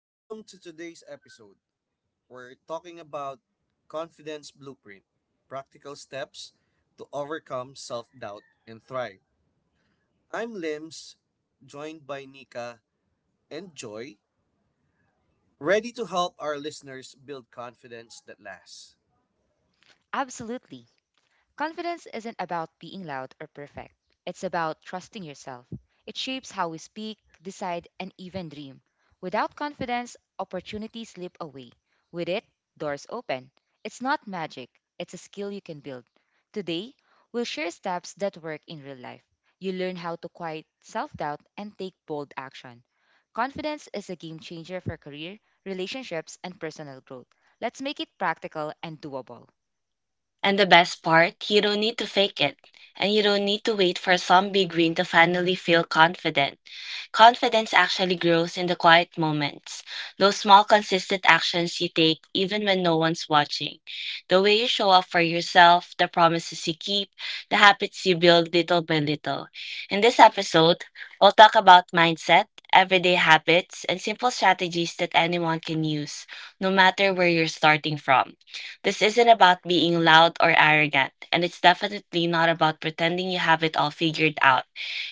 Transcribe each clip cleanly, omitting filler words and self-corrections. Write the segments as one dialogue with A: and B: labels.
A: Welcome to today's episode. We're talking about confidence blueprint, practical steps to overcome self doubt and thrive. I'm Lims, joined by Nika and Joy, ready to help our listeners build confidence that lasts.
B: Absolutely. Confidence isn't about being loud or perfect, it's about trusting yourself. It shapes how we speak, decide, and even dream. Without confidence, opportunities slip away. With it, doors open. It's not magic, it's a skill you can build. Today, we'll share steps that work in real life. You learn how to quiet self doubt and take bold action. Confidence is a game changer for career, relationships, and personal growth. Let's make it practical and doable.
C: And the best part, you don't need to fake it. And you don't need to wait for some big win to finally feel confident. Confidence actually grows in the quiet moments, those small, consistent actions you take even when no one's watching. The way you show up for yourself, the promises you keep, the habits you build little by little. In this episode, we'll talk about mindset, everyday habits, and simple strategies that anyone can use, no matter where you're starting from. This isn't about being loud or arrogant, and it's definitely not about pretending you have it all figured out.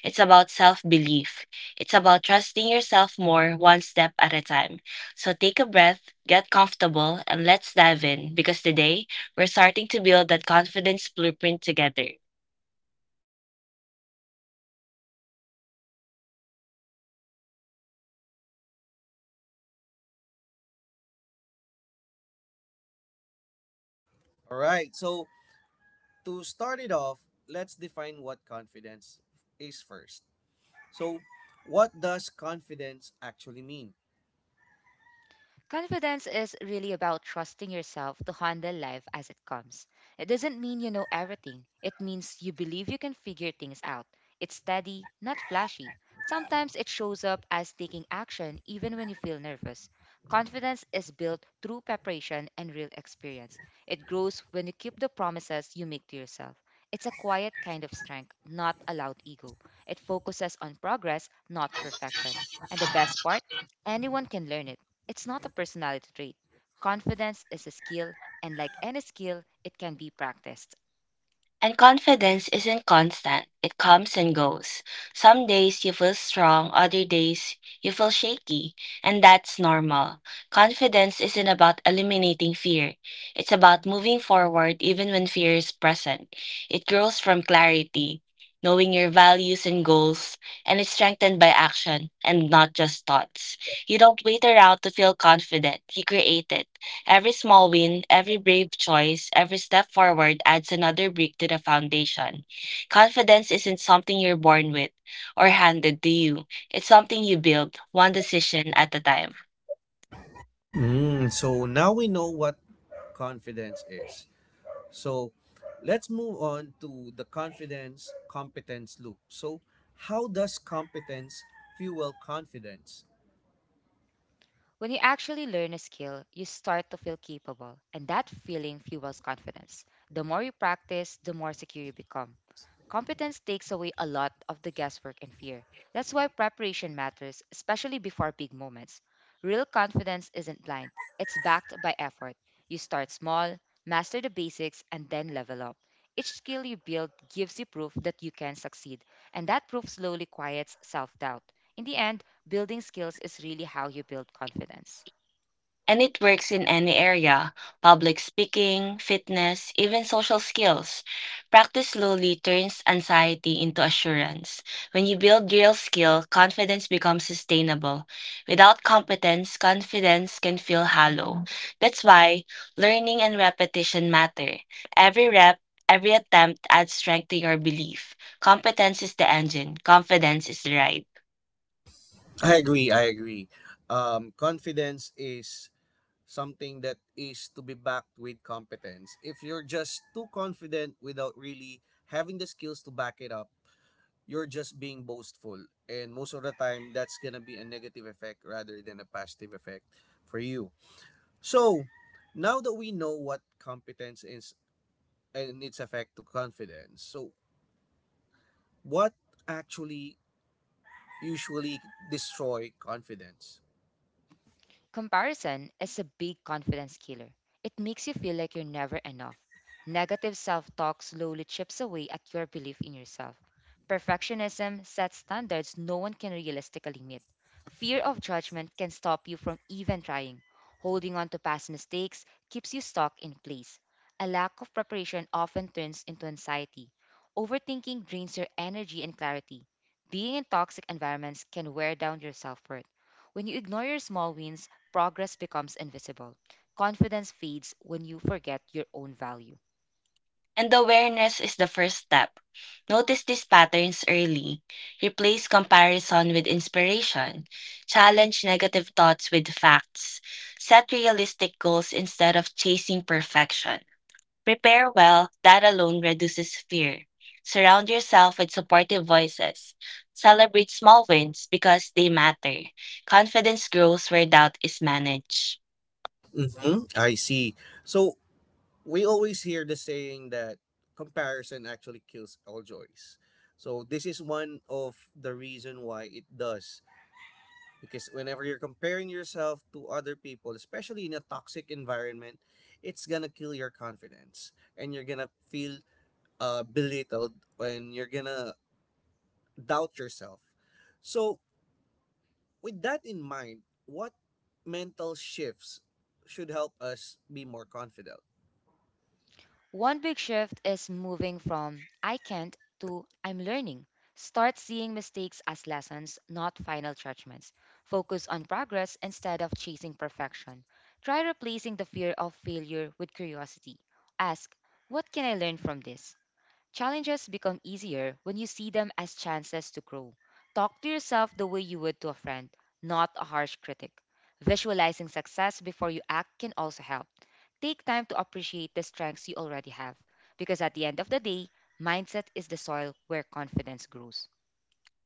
C: It's about self belief. It's about trusting yourself more one step at a time. So take a breath, get comfortable, and let's dive in because today we're starting to build that confidence blueprint together.
A: All right, so to start it off, let's define what confidence is first. So, what does confidence actually mean?
B: Confidence is really about trusting yourself to handle life as it comes. It doesn't mean you know everything, it means you believe you can figure things out. It's steady, not flashy. Sometimes it shows up as taking action even when you feel nervous. Confidence is built through preparation and real experience. It grows when you keep the promises you make to yourself. It's a quiet kind of strength, not a loud ego. It focuses on progress, not perfection. And the best part, anyone can learn it. It's not a personality trait. Confidence is a skill, and like any skill, it can be practiced.
C: And confidence isn't constant, it comes and goes. Some days you feel strong, other days you feel shaky, and that's normal. Confidence isn't about eliminating fear, it's about moving forward even when fear is present. It grows from clarity, knowing your values and goals, and it's strengthened by action and not just thoughts. You don't wait around to feel confident, you create it. Every small win, every brave choice, every step forward adds another brick to the foundation. Confidence isn't something you're born with or handed to you, it's something you build, one decision at a time.
A: So now we know what confidence is. So let's move on to the confidence competence loop. So, how does competence fuel confidence?
B: When you actually learn a skill, you start to feel capable, and that feeling fuels confidence. The more you practice, the more secure you become. Competence takes away a lot of the guesswork and fear. That's why preparation matters, especially before big moments. Real confidence isn't blind, it's backed by effort. You start small, master the basics, and then level up. Each skill you build gives you proof that you can succeed, and that proof slowly quiets self doubt. In the end, building skills is really how you build confidence.
C: And it works in any area public speaking, fitness, even social skills. Practice slowly turns anxiety into assurance. When you build real skill, confidence becomes sustainable. Without competence, confidence can feel hollow. That's why learning and repetition matter. Every rep, every attempt adds strength to your belief. Competence is the engine, confidence is the ride.
A: I agree. Confidence is something that is to be backed with competence. If you're just too confident without really having the skills to back it up, you're just being boastful. And most of the time, that's going to be a negative effect rather than a positive effect for you. So, now that we know what competence is and its effect to confidence. So, what actually usually destroy confidence?
B: Comparison is a big confidence killer. It makes you feel like you're never enough. Negative self talk slowly chips away at your belief in yourself. Perfectionism sets standards no one can realistically meet. Fear of judgment can stop you from even trying. Holding on to past mistakes keeps you stuck in place. A lack of preparation often turns into anxiety. Overthinking drains your energy and clarity. Being in toxic environments can wear down your self worth. When you ignore your small wins, progress becomes invisible. Confidence fades when you forget your own value.
C: And the awareness is the first step. Notice these patterns early. Replace comparison with inspiration. Challenge negative thoughts with facts. Set realistic goals instead of chasing perfection. Prepare well, that alone reduces fear. Surround yourself with supportive voices. Celebrate small wins because they matter. Confidence grows where doubt is managed.
A: Mm-hmm. I see. So, we always hear the saying that comparison actually kills all joys. So, this is one of the reason why it does because whenever you're comparing yourself to other people, especially in a toxic environment, it's going to kill your confidence and you're going to feel belittled and you're going to doubt yourself. So, with that in mind, what mental shifts should help us be more confident?
B: One big shift is moving from I can't to I'm learning. Start seeing mistakes as lessons, not final judgments. Focus on progress instead of chasing perfection. Try replacing the fear of failure with curiosity. Ask, what can I learn from this? Challenges become easier when you see them as chances to grow. Talk to yourself the way you would to a friend, not a harsh critic. Visualizing success before you act can also help. Take time to appreciate the strengths you already have, because at the end of the day, mindset is the soil where confidence grows.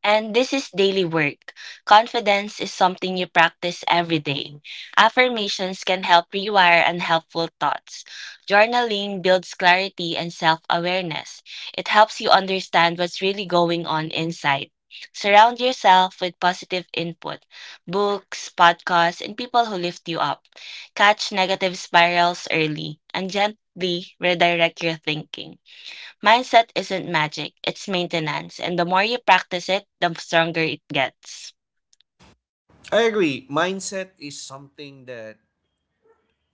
C: And this is daily work. Confidence is something you practice every day. Affirmations can help rewire unhelpful thoughts. Journaling builds clarity and self awareness. It helps you understand what's really going on inside. Surround yourself with positive input books, podcasts, and people who lift you up. Catch negative spirals early and gently redirect your thinking. Mindset isn't magic, it's maintenance, and the more you practice it, the stronger it gets.
A: I agree. Mindset is something that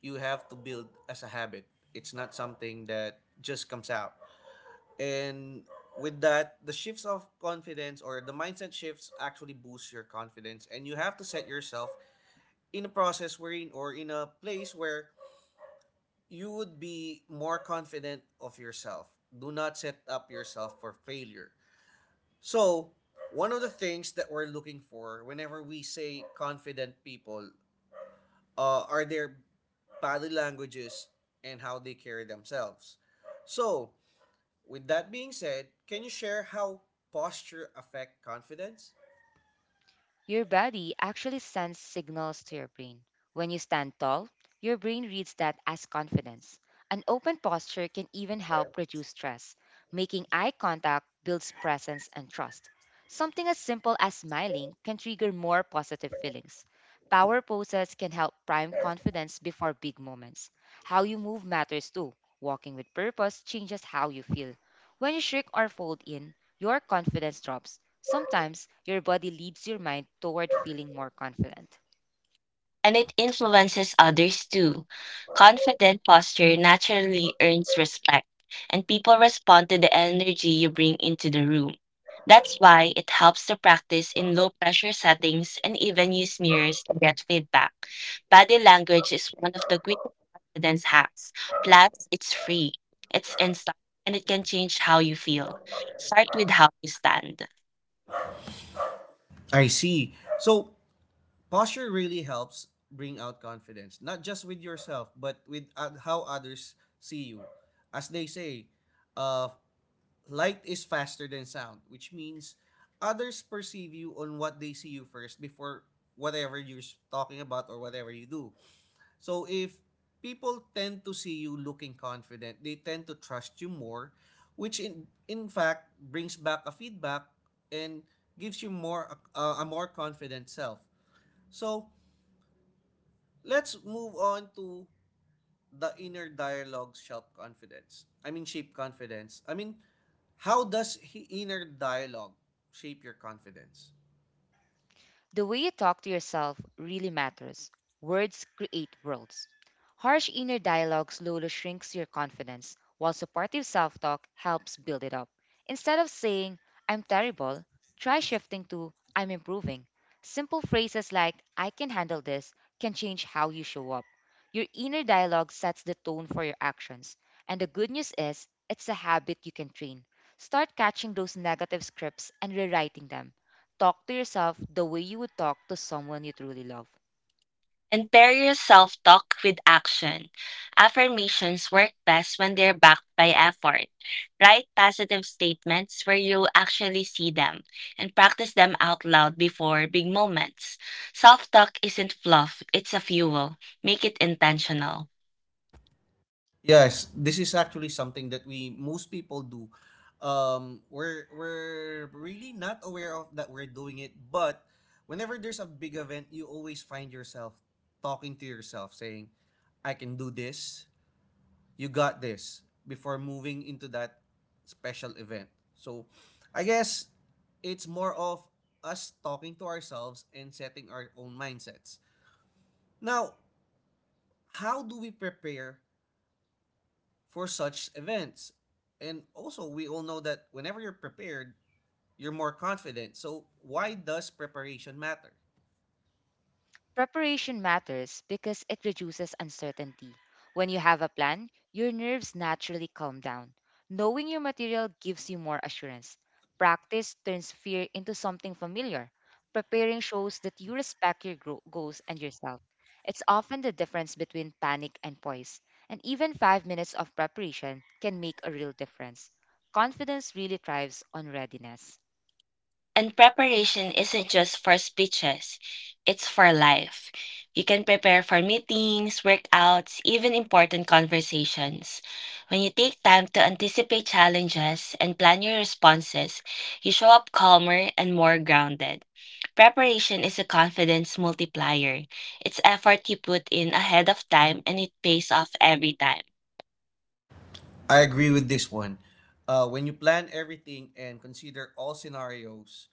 A: you have to build as a habit. It's not something that just comes out. And with that, the shifts of confidence or the mindset shifts actually boost your confidence. And you have to set yourself in a process wherein or in a place where you would be more confident of yourself. Do not set up yourself for failure. So, one of the things that we're looking for whenever we say confident people are their body languages and how they carry themselves. So, with that being said, can you share how posture affect confidence?
B: Your body actually sends signals to your brain. When you stand tall, your brain reads that as confidence. An open posture can even help reduce stress. Making eye contact builds presence and trust. Something as simple as smiling can trigger more positive feelings. Power poses can help prime confidence before big moments. How you move matters too. Walking with purpose changes how you feel. When you shrink or fold in, your confidence drops. Sometimes your body leads your mind toward feeling more confident.
C: And it influences others too. Confident posture naturally earns respect, and people respond to the energy you bring into the room. That's why it helps to practice in low pressure settings and even use mirrors to get feedback. Body language is one of the greatest confidence hacks. Plus, it's free, it's instant, and it can change how you feel. Start with how you stand.
A: I see. So, posture really helps bring out confidence, not just with yourself, but with how others see you. As they say, uh, light is faster than sound, which means others perceive you on what they see you first before whatever you're talking about or whatever you do. So if people tend to see you looking confident, they tend to trust you more, which in fact brings back a feedback and gives you more a more confident self. So let's move on to the inner dialogue shape confidence? I mean, shape confidence. I mean, how does he inner dialogue shape your confidence?
B: The way you talk to yourself really matters. Words create worlds. Harsh inner dialogue slowly shrinks your confidence, while supportive self talk helps build it up. Instead of saying, I'm terrible, try shifting to, I'm improving. Simple phrases like, I can handle this, can change how you show up. Your inner dialogue sets the tone for your actions. And the good news is, it's a habit you can train. Start catching those negative scripts and rewriting them. Talk to yourself the way you would talk to someone you truly love.
C: And pair your self talk with action. Affirmations work best when they're backed by effort. Write positive statements where you actually see them and practice them out loud before big moments. Self talk isn't fluff, it's a fuel. Make it intentional.
A: Yes, this is actually something that we most people do. We're really not aware of that we're doing it, but whenever there's a big event, you always find yourself talking to yourself, saying, "I can do this. You got this," before moving into that special event. So I guess it's more of us talking to ourselves and setting our own mindsets. Now, how do we prepare for such events? And also, we all know that whenever you're prepared, you're more confident. So, why does preparation matter?
B: Preparation matters because it reduces uncertainty. When you have a plan, your nerves naturally calm down. Knowing your material gives you more assurance. Practice turns fear into something familiar. Preparing shows that you respect your goals and yourself. It's often the difference between panic and poise, and even 5 minutes of preparation can make a real difference. Confidence really thrives on readiness.
C: And preparation isn't just for speeches, it's for life. You can prepare for meetings, workouts, even important conversations. When you take time to anticipate challenges and plan your responses, you show up calmer and more grounded. Preparation is a confidence multiplier. It's effort you put in ahead of time and it pays off every time.
A: I agree with this one. When you plan everything and consider all scenarios,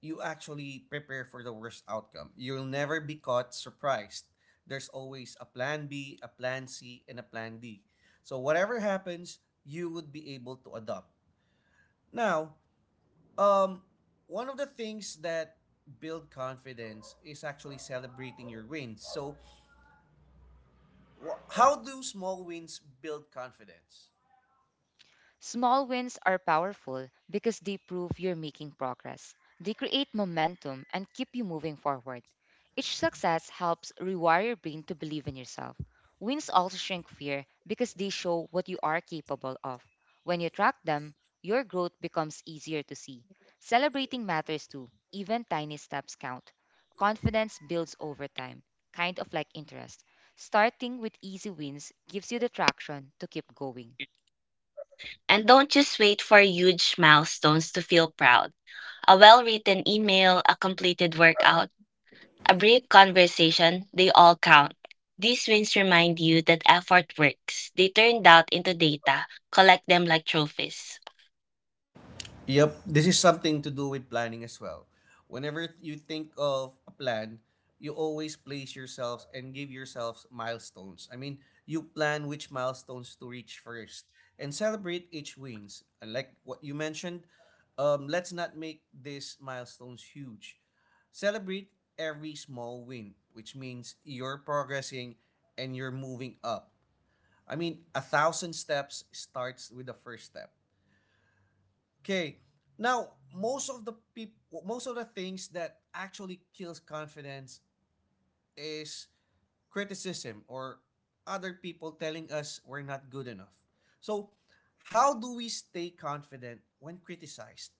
A: you actually prepare for the worst outcome. You'll never be caught surprised. There's always a plan B, a plan C, and a plan D. So whatever happens, you would be able to adopt. Now, um, one of the things that build confidence is actually celebrating your wins. So how do small wins build confidence?
B: Small wins are powerful because they prove you're making progress. They create momentum and keep you moving forward. Each success helps rewire your brain to believe in yourself. Wins also shrink fear because they show what you are capable of. When you track them, your growth becomes easier to see. Celebrating matters too, even tiny steps count. Confidence builds over time, kind of like interest. Starting with easy wins gives you the traction to keep going.
C: And don't just wait for huge milestones to feel proud. A well written email, a completed workout, a brief conversation, they all count. These wins remind you that effort works. They turn doubt into data, collect them like trophies.
A: Yep, this is something to do with planning as well. Whenever you think of a plan, you always place yourselves and give yourselves milestones. I mean, you plan which milestones to reach first and celebrate each wins. And like what you mentioned, let's not make these milestones huge. Celebrate every small win, which means you're progressing and you're moving up. I mean, a thousand steps starts with the first step. Okay. Now, most of the people, most of the things that actually kills confidence is criticism or other people telling us we're not good enough. So, how do we stay confident when criticized?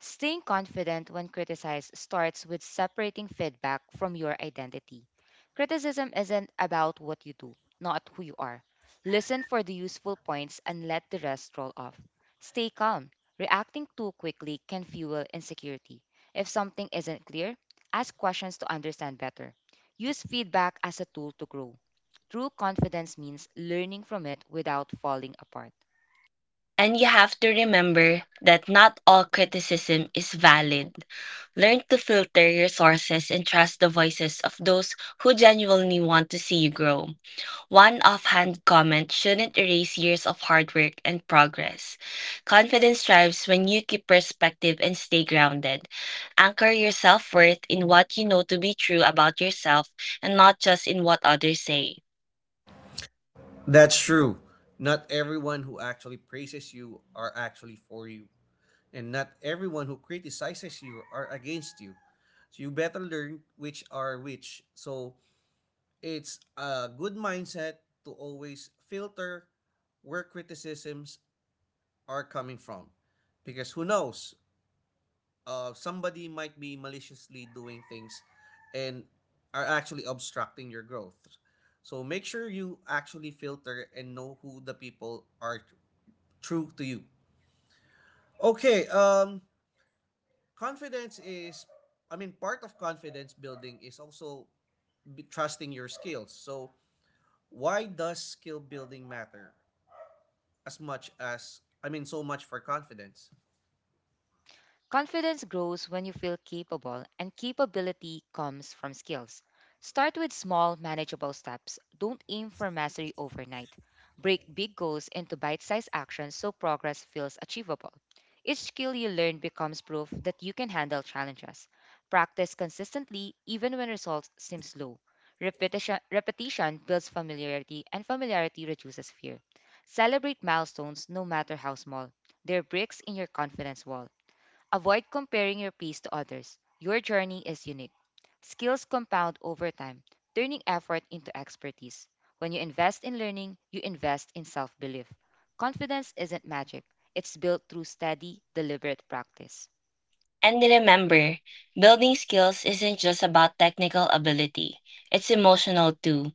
B: Staying confident when criticized starts with separating feedback from your identity. Criticism isn't about what you do, not who you are. Listen for the useful points and let the rest roll off. Stay calm. Reacting too quickly can fuel insecurity. If something isn't clear, ask questions to understand better. Use feedback as a tool to grow. True confidence means learning from it without falling apart.
C: And you have to remember that not all criticism is valid. Learn to filter your sources and trust the voices of those who genuinely want to see you grow. One offhand comment shouldn't erase years of hard work and progress. Confidence thrives when you keep perspective and stay grounded. Anchor your self worth in what you know to be true about yourself and not just in what others say.
A: That's true. Not everyone who actually praises you are actually for you, and not everyone who criticizes you are against you. So you better learn which are which. So it's a good mindset to always filter where criticisms are coming from. Because who knows? Somebody might be maliciously doing things and are actually obstructing your growth. So make sure you actually filter and know who the people are true to you. Okay. Confidence is, I mean, part of confidence building is also trusting your skills. So why does skill building matter as much as I mean so much for confidence?
B: Confidence grows when you feel capable, and capability comes from skills. Start with small, manageable steps. Don't aim for mastery overnight. Break big goals into bite sized actions so progress feels achievable. Each skill you learn becomes proof that you can handle challenges. Practice consistently, even when results seem slow. Repetition, repetition builds familiarity, and familiarity reduces fear. Celebrate milestones no matter how small. They're bricks in your confidence wall. Avoid comparing your pace to others. Your journey is unique. Skills compound over time, turning effort into expertise. When you invest in learning, you invest in self belief. Confidence isn't magic, it's built through steady, deliberate practice.
C: And remember, building skills isn't just about technical ability, it's emotional too.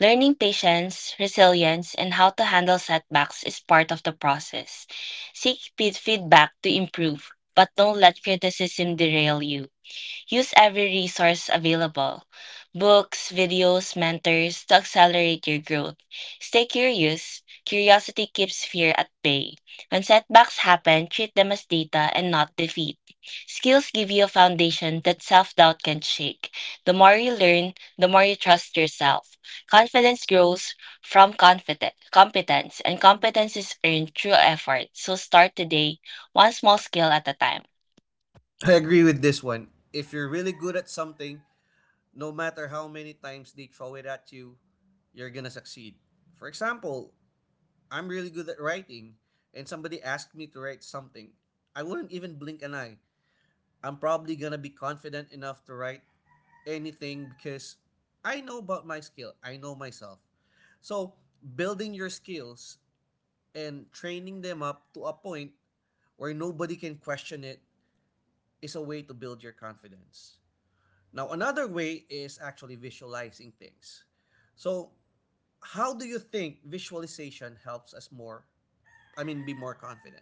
C: Learning patience, resilience, and how to handle setbacks is part of the process. Seek feedback to improve, but don't let criticism derail you. Use every resource available books, videos, mentors to accelerate your growth. Stay curious. Curiosity keeps fear at bay. When setbacks happen, treat them as data and not defeat. Skills give you a foundation that self doubt can shake. The more you learn, the more you trust yourself. Confidence grows from confident, competence, and competence is earned through effort. So start today, one small skill at a time.
A: I agree with this one. If you're really good at something, no matter how many times they throw it at you, you're gonna succeed. For example, I'm really good at writing and somebody asked me to write something. I wouldn't even blink an eye. I'm probably gonna be confident enough to write anything because I know about my skill. I know myself. So building your skills and training them up to a point where nobody can question it is a way to build your confidence. Now, another way is actually visualizing things. So, how do you think visualization helps us more? Be more confident?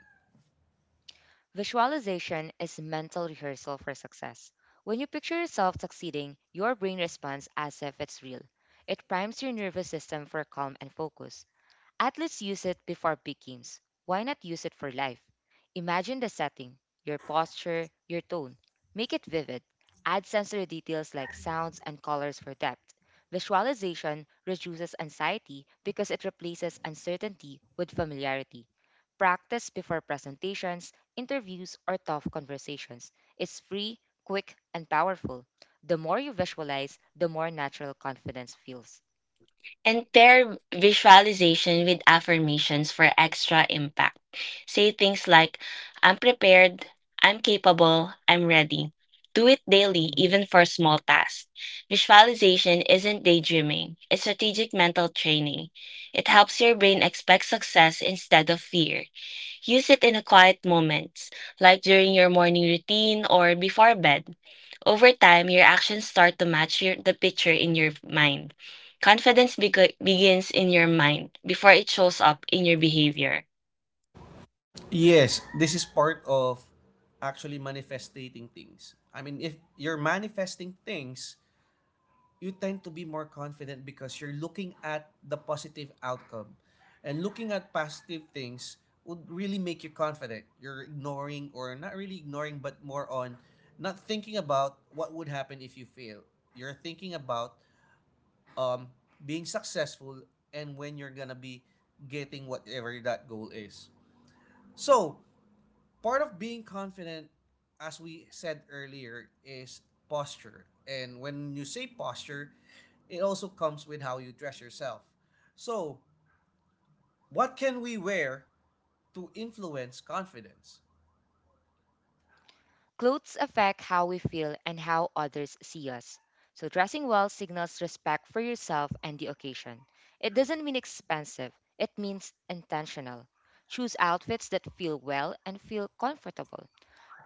B: Visualization is mental rehearsal for success. When you picture yourself succeeding, your brain responds as if it's real. It primes your nervous system for calm and focus. At least use it before big games. Why not use it for life? Imagine the setting, your posture, your tone. Make it vivid. Add sensory details like sounds and colors for depth. Visualization reduces anxiety because it replaces uncertainty with familiarity. Practice before presentations, interviews, or tough conversations. It's free, quick, and powerful. The more you visualize, the more natural confidence feels.
C: And pair visualization with affirmations for extra impact. Say things like, I'm prepared, I'm capable, I'm ready. Do it daily, even for small tasks. Visualization isn't daydreaming, it's strategic mental training. It helps your brain expect success instead of fear. Use it in quiet moments, like during your morning routine or before bed. Over time, your actions start to match the picture in your mind. Confidence begins in your mind before it shows up in your behavior.
A: Yes, this is part of actually manifesting things. I mean, if you're manifesting things, you tend to be more confident because you're looking at the positive outcome. And looking at positive things would really make you confident. You're ignoring, or not really ignoring, but more on not thinking about what would happen if you fail. You're thinking about um, being successful and when you're gonna be getting whatever that goal is. So, part of being confident, as we said earlier, is posture. And when you say posture, it also comes with how you dress yourself. So, what can we wear to influence confidence?
B: Clothes affect how we feel and how others see us. So, dressing well signals respect for yourself and the occasion. It doesn't mean expensive, it means intentional. Choose outfits that feel well and feel comfortable.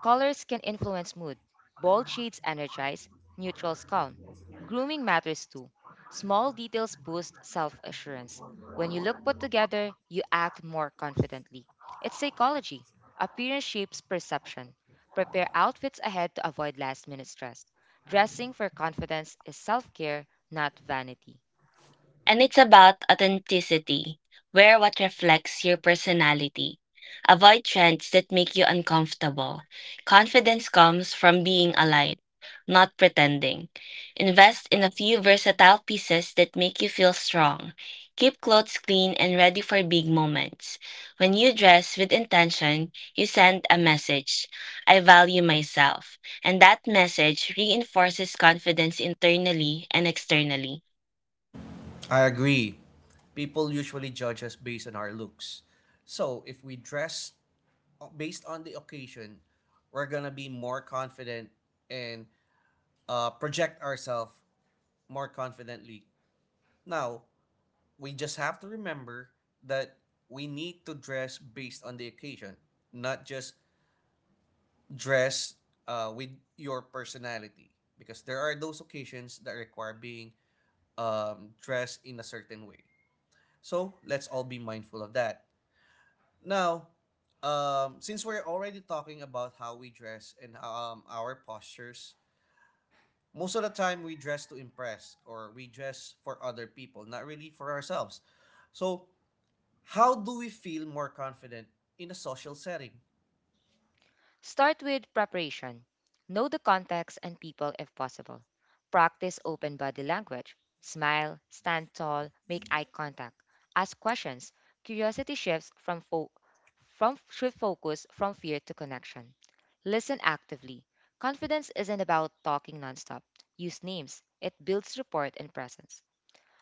B: Colors can influence mood. Bold shades energize, neutrals calm. Grooming matters too. Small details boost self assurance. When you look put together, you act more confidently. It's psychology. Appearance shapes perception. Prepare outfits ahead to avoid last minute stress. Dressing for confidence is self care, not vanity.
C: And it's about authenticity. Wear what reflects your personality. Avoid trends that make you uncomfortable. Confidence comes from being aligned, not pretending. Invest in a few versatile pieces that make you feel strong. Keep clothes clean and ready for big moments. When you dress with intention, you send a message I value myself. And that message reinforces confidence internally and externally.
A: I agree. People usually judge us based on our looks. So, if we dress based on the occasion, we're going to be more confident and project ourselves more confidently. Now, we just have to remember that we need to dress based on the occasion, not just dress with your personality. Because there are those occasions that require being dressed in a certain way. So let's all be mindful of that. Now, since we're already talking about how we dress and our postures, most of the time we dress to impress or we dress for other people, not really for ourselves. So how do we feel more confident in a social setting?
B: Start with preparation. Know the context and people if possible. Practice open body language. Smile, stand tall, make eye contact. Ask questions. Curiosity shifts from from should focus from fear to connection. Listen actively. Confidence isn't about talking nonstop. Use names. It builds rapport and presence.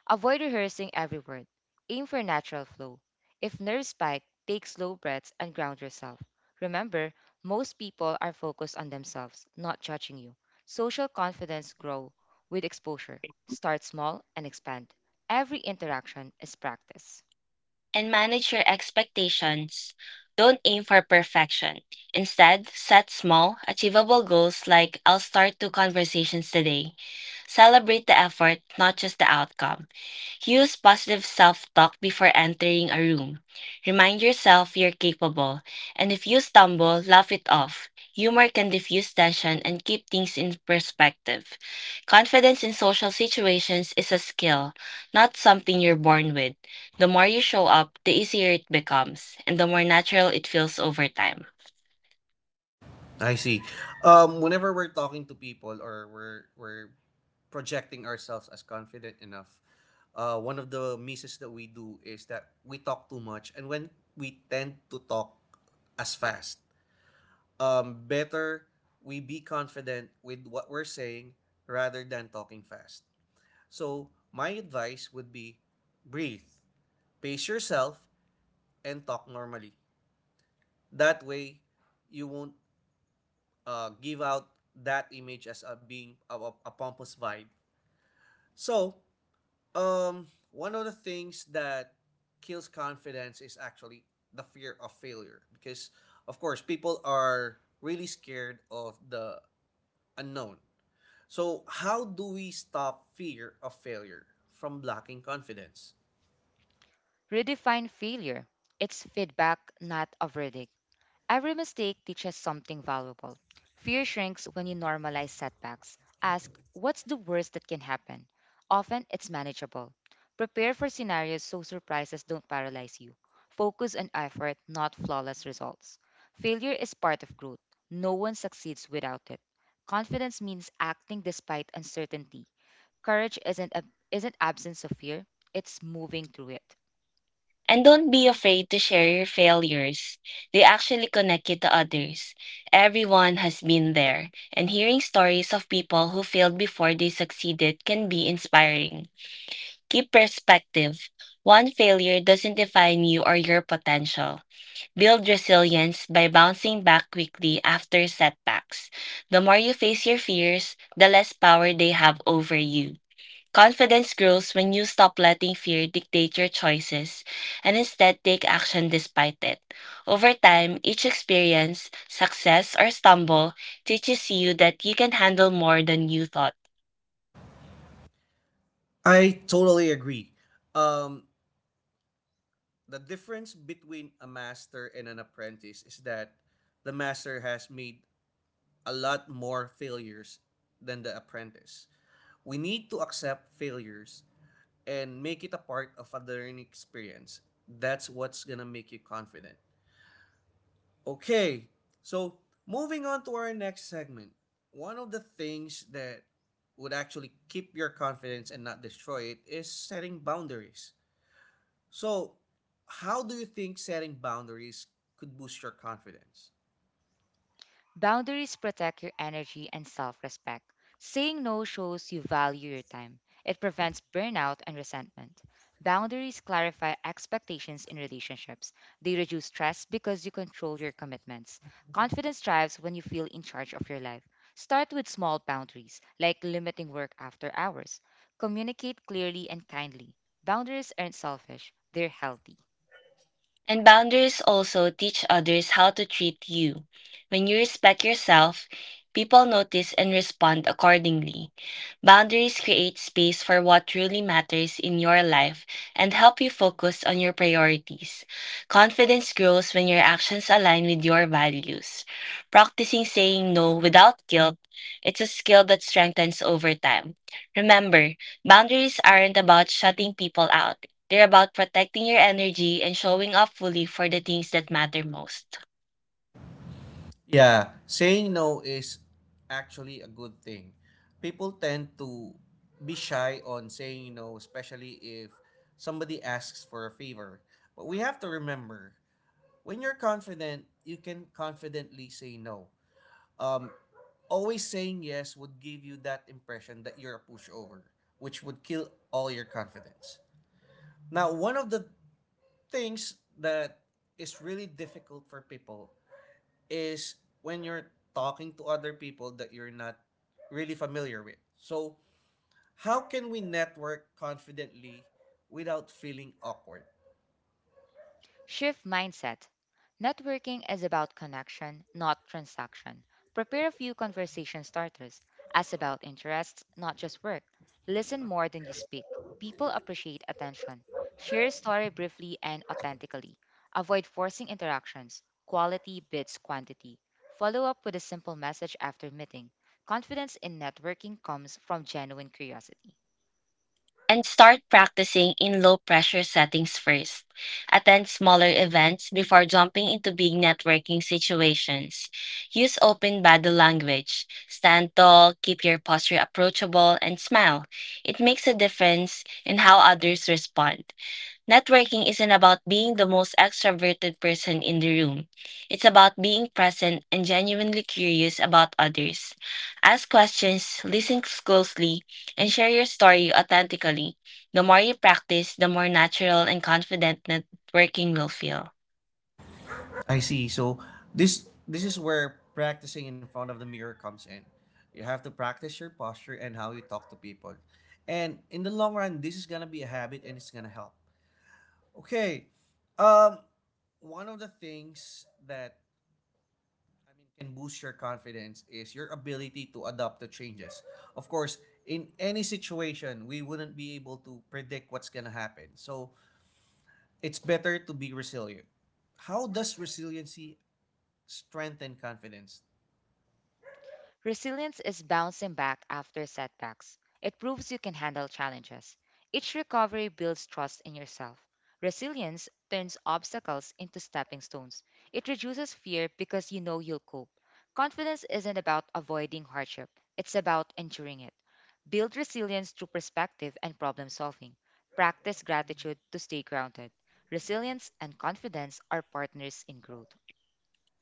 B: Avoid rehearsing every word. Aim for natural flow. If nerves spike, take slow breaths and ground yourself. Remember, most people are focused on themselves, not judging you. Social confidence grow with exposure. Start small and expand. Every interaction is practice.
C: And manage your expectations. Don't aim for perfection. Instead, set small, achievable goals like I'll start two conversations today. Celebrate the effort, not just the outcome. Use positive self talk before entering a room. Remind yourself you're capable, and if you stumble, laugh it off. Humor can diffuse tension and keep things in perspective. Confidence in social situations is a skill, not something you're born with. The more you show up, the easier it becomes, and the more natural it feels over time.
A: I see. Whenever we're talking to people or we're projecting ourselves as confident enough, one of the misses that we do is that we talk too much, and when we tend to talk as fast, better we be confident with what we're saying rather than talking fast. So my advice would be, breathe, pace yourself, and talk normally. That way, you won't give out that image as a being a pompous vibe. So, one of the things that kills confidence is actually the fear of failure because, of course, people are really scared of the unknown. So, how do we stop fear of failure from blocking confidence?
B: Redefine failure. It's feedback, not a verdict. Every mistake teaches something valuable. Fear shrinks when you normalize setbacks. Ask, what's the worst that can happen? Often, it's manageable. Prepare for scenarios so surprises don't paralyze you. Focus on effort, not flawless results. Failure is part of growth. No one succeeds without it. Confidence means acting despite uncertainty. Courage isn't, isn't absence of fear, it's moving through it.
C: And don't be afraid to share your failures. They actually connect you to others. Everyone has been there, and hearing stories of people who failed before they succeeded can be inspiring. Keep perspective. One failure doesn't define you or your potential. Build resilience by bouncing back quickly after setbacks. The more you face your fears, the less power they have over you. Confidence grows when you stop letting fear dictate your choices and instead take action despite it. Over time, each experience, success, or stumble teaches you that you can handle more than you thought.
A: I totally agree. Um, the difference between a master and an apprentice is that the master has made a lot more failures than the apprentice. We need to accept failures and make it a part of a learning experience. That's what's gonna make you confident. Okay, so moving on to our next segment. One of the things that would actually keep your confidence and not destroy it is setting boundaries. So, how do you think setting boundaries could boost your confidence?
B: Boundaries protect your energy and self respect. Saying no shows you value your time, it prevents burnout and resentment. Boundaries clarify expectations in relationships. They reduce stress because you control your commitments. Confidence thrives when you feel in charge of your life. Start with small boundaries, like limiting work after hours. Communicate clearly and kindly. Boundaries aren't selfish, they're healthy.
C: And boundaries also teach others how to treat you. When you respect yourself, people notice and respond accordingly. Boundaries create space for what truly matters in your life and help you focus on your priorities. Confidence grows when your actions align with your values. Practicing saying no without guilt, it's a skill that strengthens over time. Remember, boundaries aren't about shutting people out. They're about protecting your energy and showing up fully for the things that matter most.
A: Yeah, saying no is actually a good thing. People tend to be shy on saying no, especially if somebody asks for a favor. But we have to remember when you're confident, you can confidently say no. Um, always saying yes would give you that impression that you're a pushover, which would kill all your confidence. Now, one of the things that is really difficult for people is when you're talking to other people that you're not really familiar with. So, how can we network confidently without feeling awkward?
B: Shift mindset. Networking is about connection, not transaction. Prepare a few conversation starters. Ask about interests, not just work. Listen more than you speak. People appreciate attention. Share a story briefly and authentically. Avoid forcing interactions. Quality beats quantity. Follow up with a simple message after meeting. Confidence in networking comes from genuine curiosity.
C: And start practicing in low pressure settings first. Attend smaller events before jumping into big networking situations. Use open body language. Stand tall, keep your posture approachable, and smile. It makes a difference in how others respond. Networking isn't about being the most extroverted person in the room. It's about being present and genuinely curious about others. Ask questions, listen closely, and share your story authentically. The more you practice, the more natural and confident networking will feel.
A: I see. So, this is where practicing in front of the mirror comes in. You have to practice your posture and how you talk to people. And in the long run, this is going to be a habit and it's going to help. Okay. Um One of the things that, I mean, can boost your confidence is your ability to adapt to changes. Of course, in any situation, we wouldn't be able to predict what's going to happen. So it's better to be resilient. How does resiliency strengthen confidence?
B: Resilience is bouncing back after setbacks. It proves you can handle challenges. Each recovery builds trust in yourself. Resilience turns obstacles into stepping stones. It reduces fear because you know you'll cope. Confidence isn't about avoiding hardship, it's about enduring it. Build resilience through perspective and problem solving. Practice gratitude to stay grounded. Resilience and confidence are partners in growth.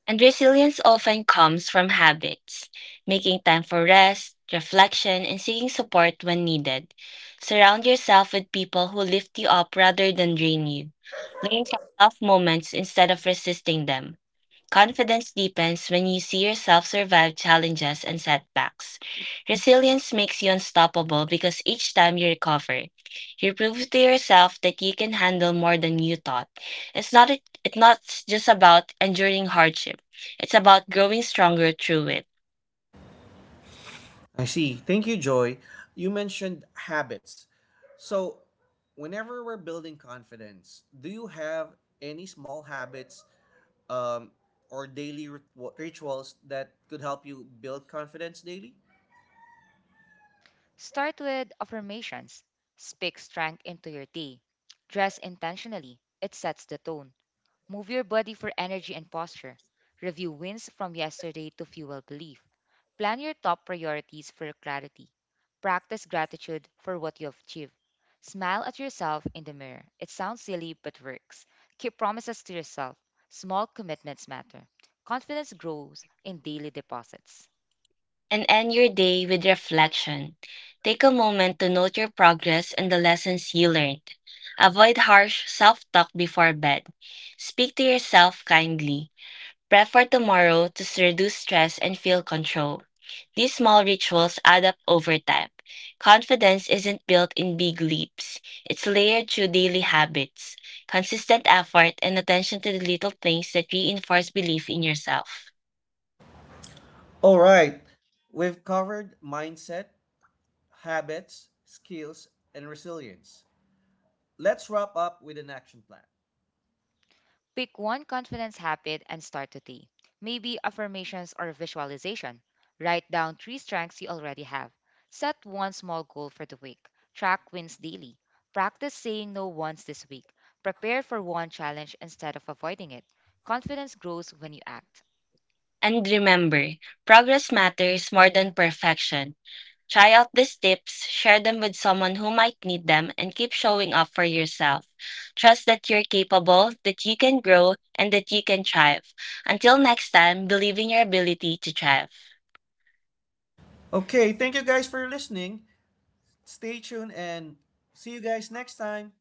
C: And resilience often comes from habits, making time for rest, reflection, and seeking support when needed. Surround yourself with people who lift you up rather than drain you. Learn from tough moments instead of resisting them. Confidence deepens when you see yourself survive challenges and setbacks. Resilience makes you unstoppable because each time you recover, you prove to yourself that you can handle more than you thought. It's not just about enduring hardship. It's about growing stronger through it.
A: I see. Thank you, Joy. You mentioned habits. So, whenever we're building confidence, do you have any small habits um, or daily rituals that could help you build confidence daily?
B: Start with affirmations. Speak strength into your day. Dress intentionally. It sets the tone. Move your body for energy and posture. Review wins from yesterday to fuel belief. Plan your top priorities for clarity. Practice gratitude for what you have achieved. Smile at yourself in the mirror. It sounds silly but works. Keep promises to yourself. Small commitments matter. Confidence grows in daily deposits.
C: And end your day with reflection. Take a moment to note your progress and the lessons you learned. Avoid harsh self-talk before bed. Speak to yourself kindly. Prep for tomorrow to reduce stress and feel control. These small rituals add up over time. Confidence isn't built in big leaps. It's layered through daily habits, consistent effort, and attention to the little things that reinforce belief in yourself.
A: All right. We've covered mindset, habits, skills, and resilience. Let's wrap up with an action plan.
B: Pick one confidence habit and start today. Maybe affirmations or visualization. Write down three strengths you already have. Set one small goal for the week. Track wins daily. Practice saying no once this week. Prepare for one challenge instead of avoiding it. Confidence grows when you act.
C: And remember, progress matters more than perfection. Try out these tips, share them with someone who might need them, and keep showing up for yourself. Trust that you're capable, that you can grow, and that you can thrive. Until next time, believe in your ability to thrive.
A: Okay, thank you guys for listening. Stay tuned and see you guys next time.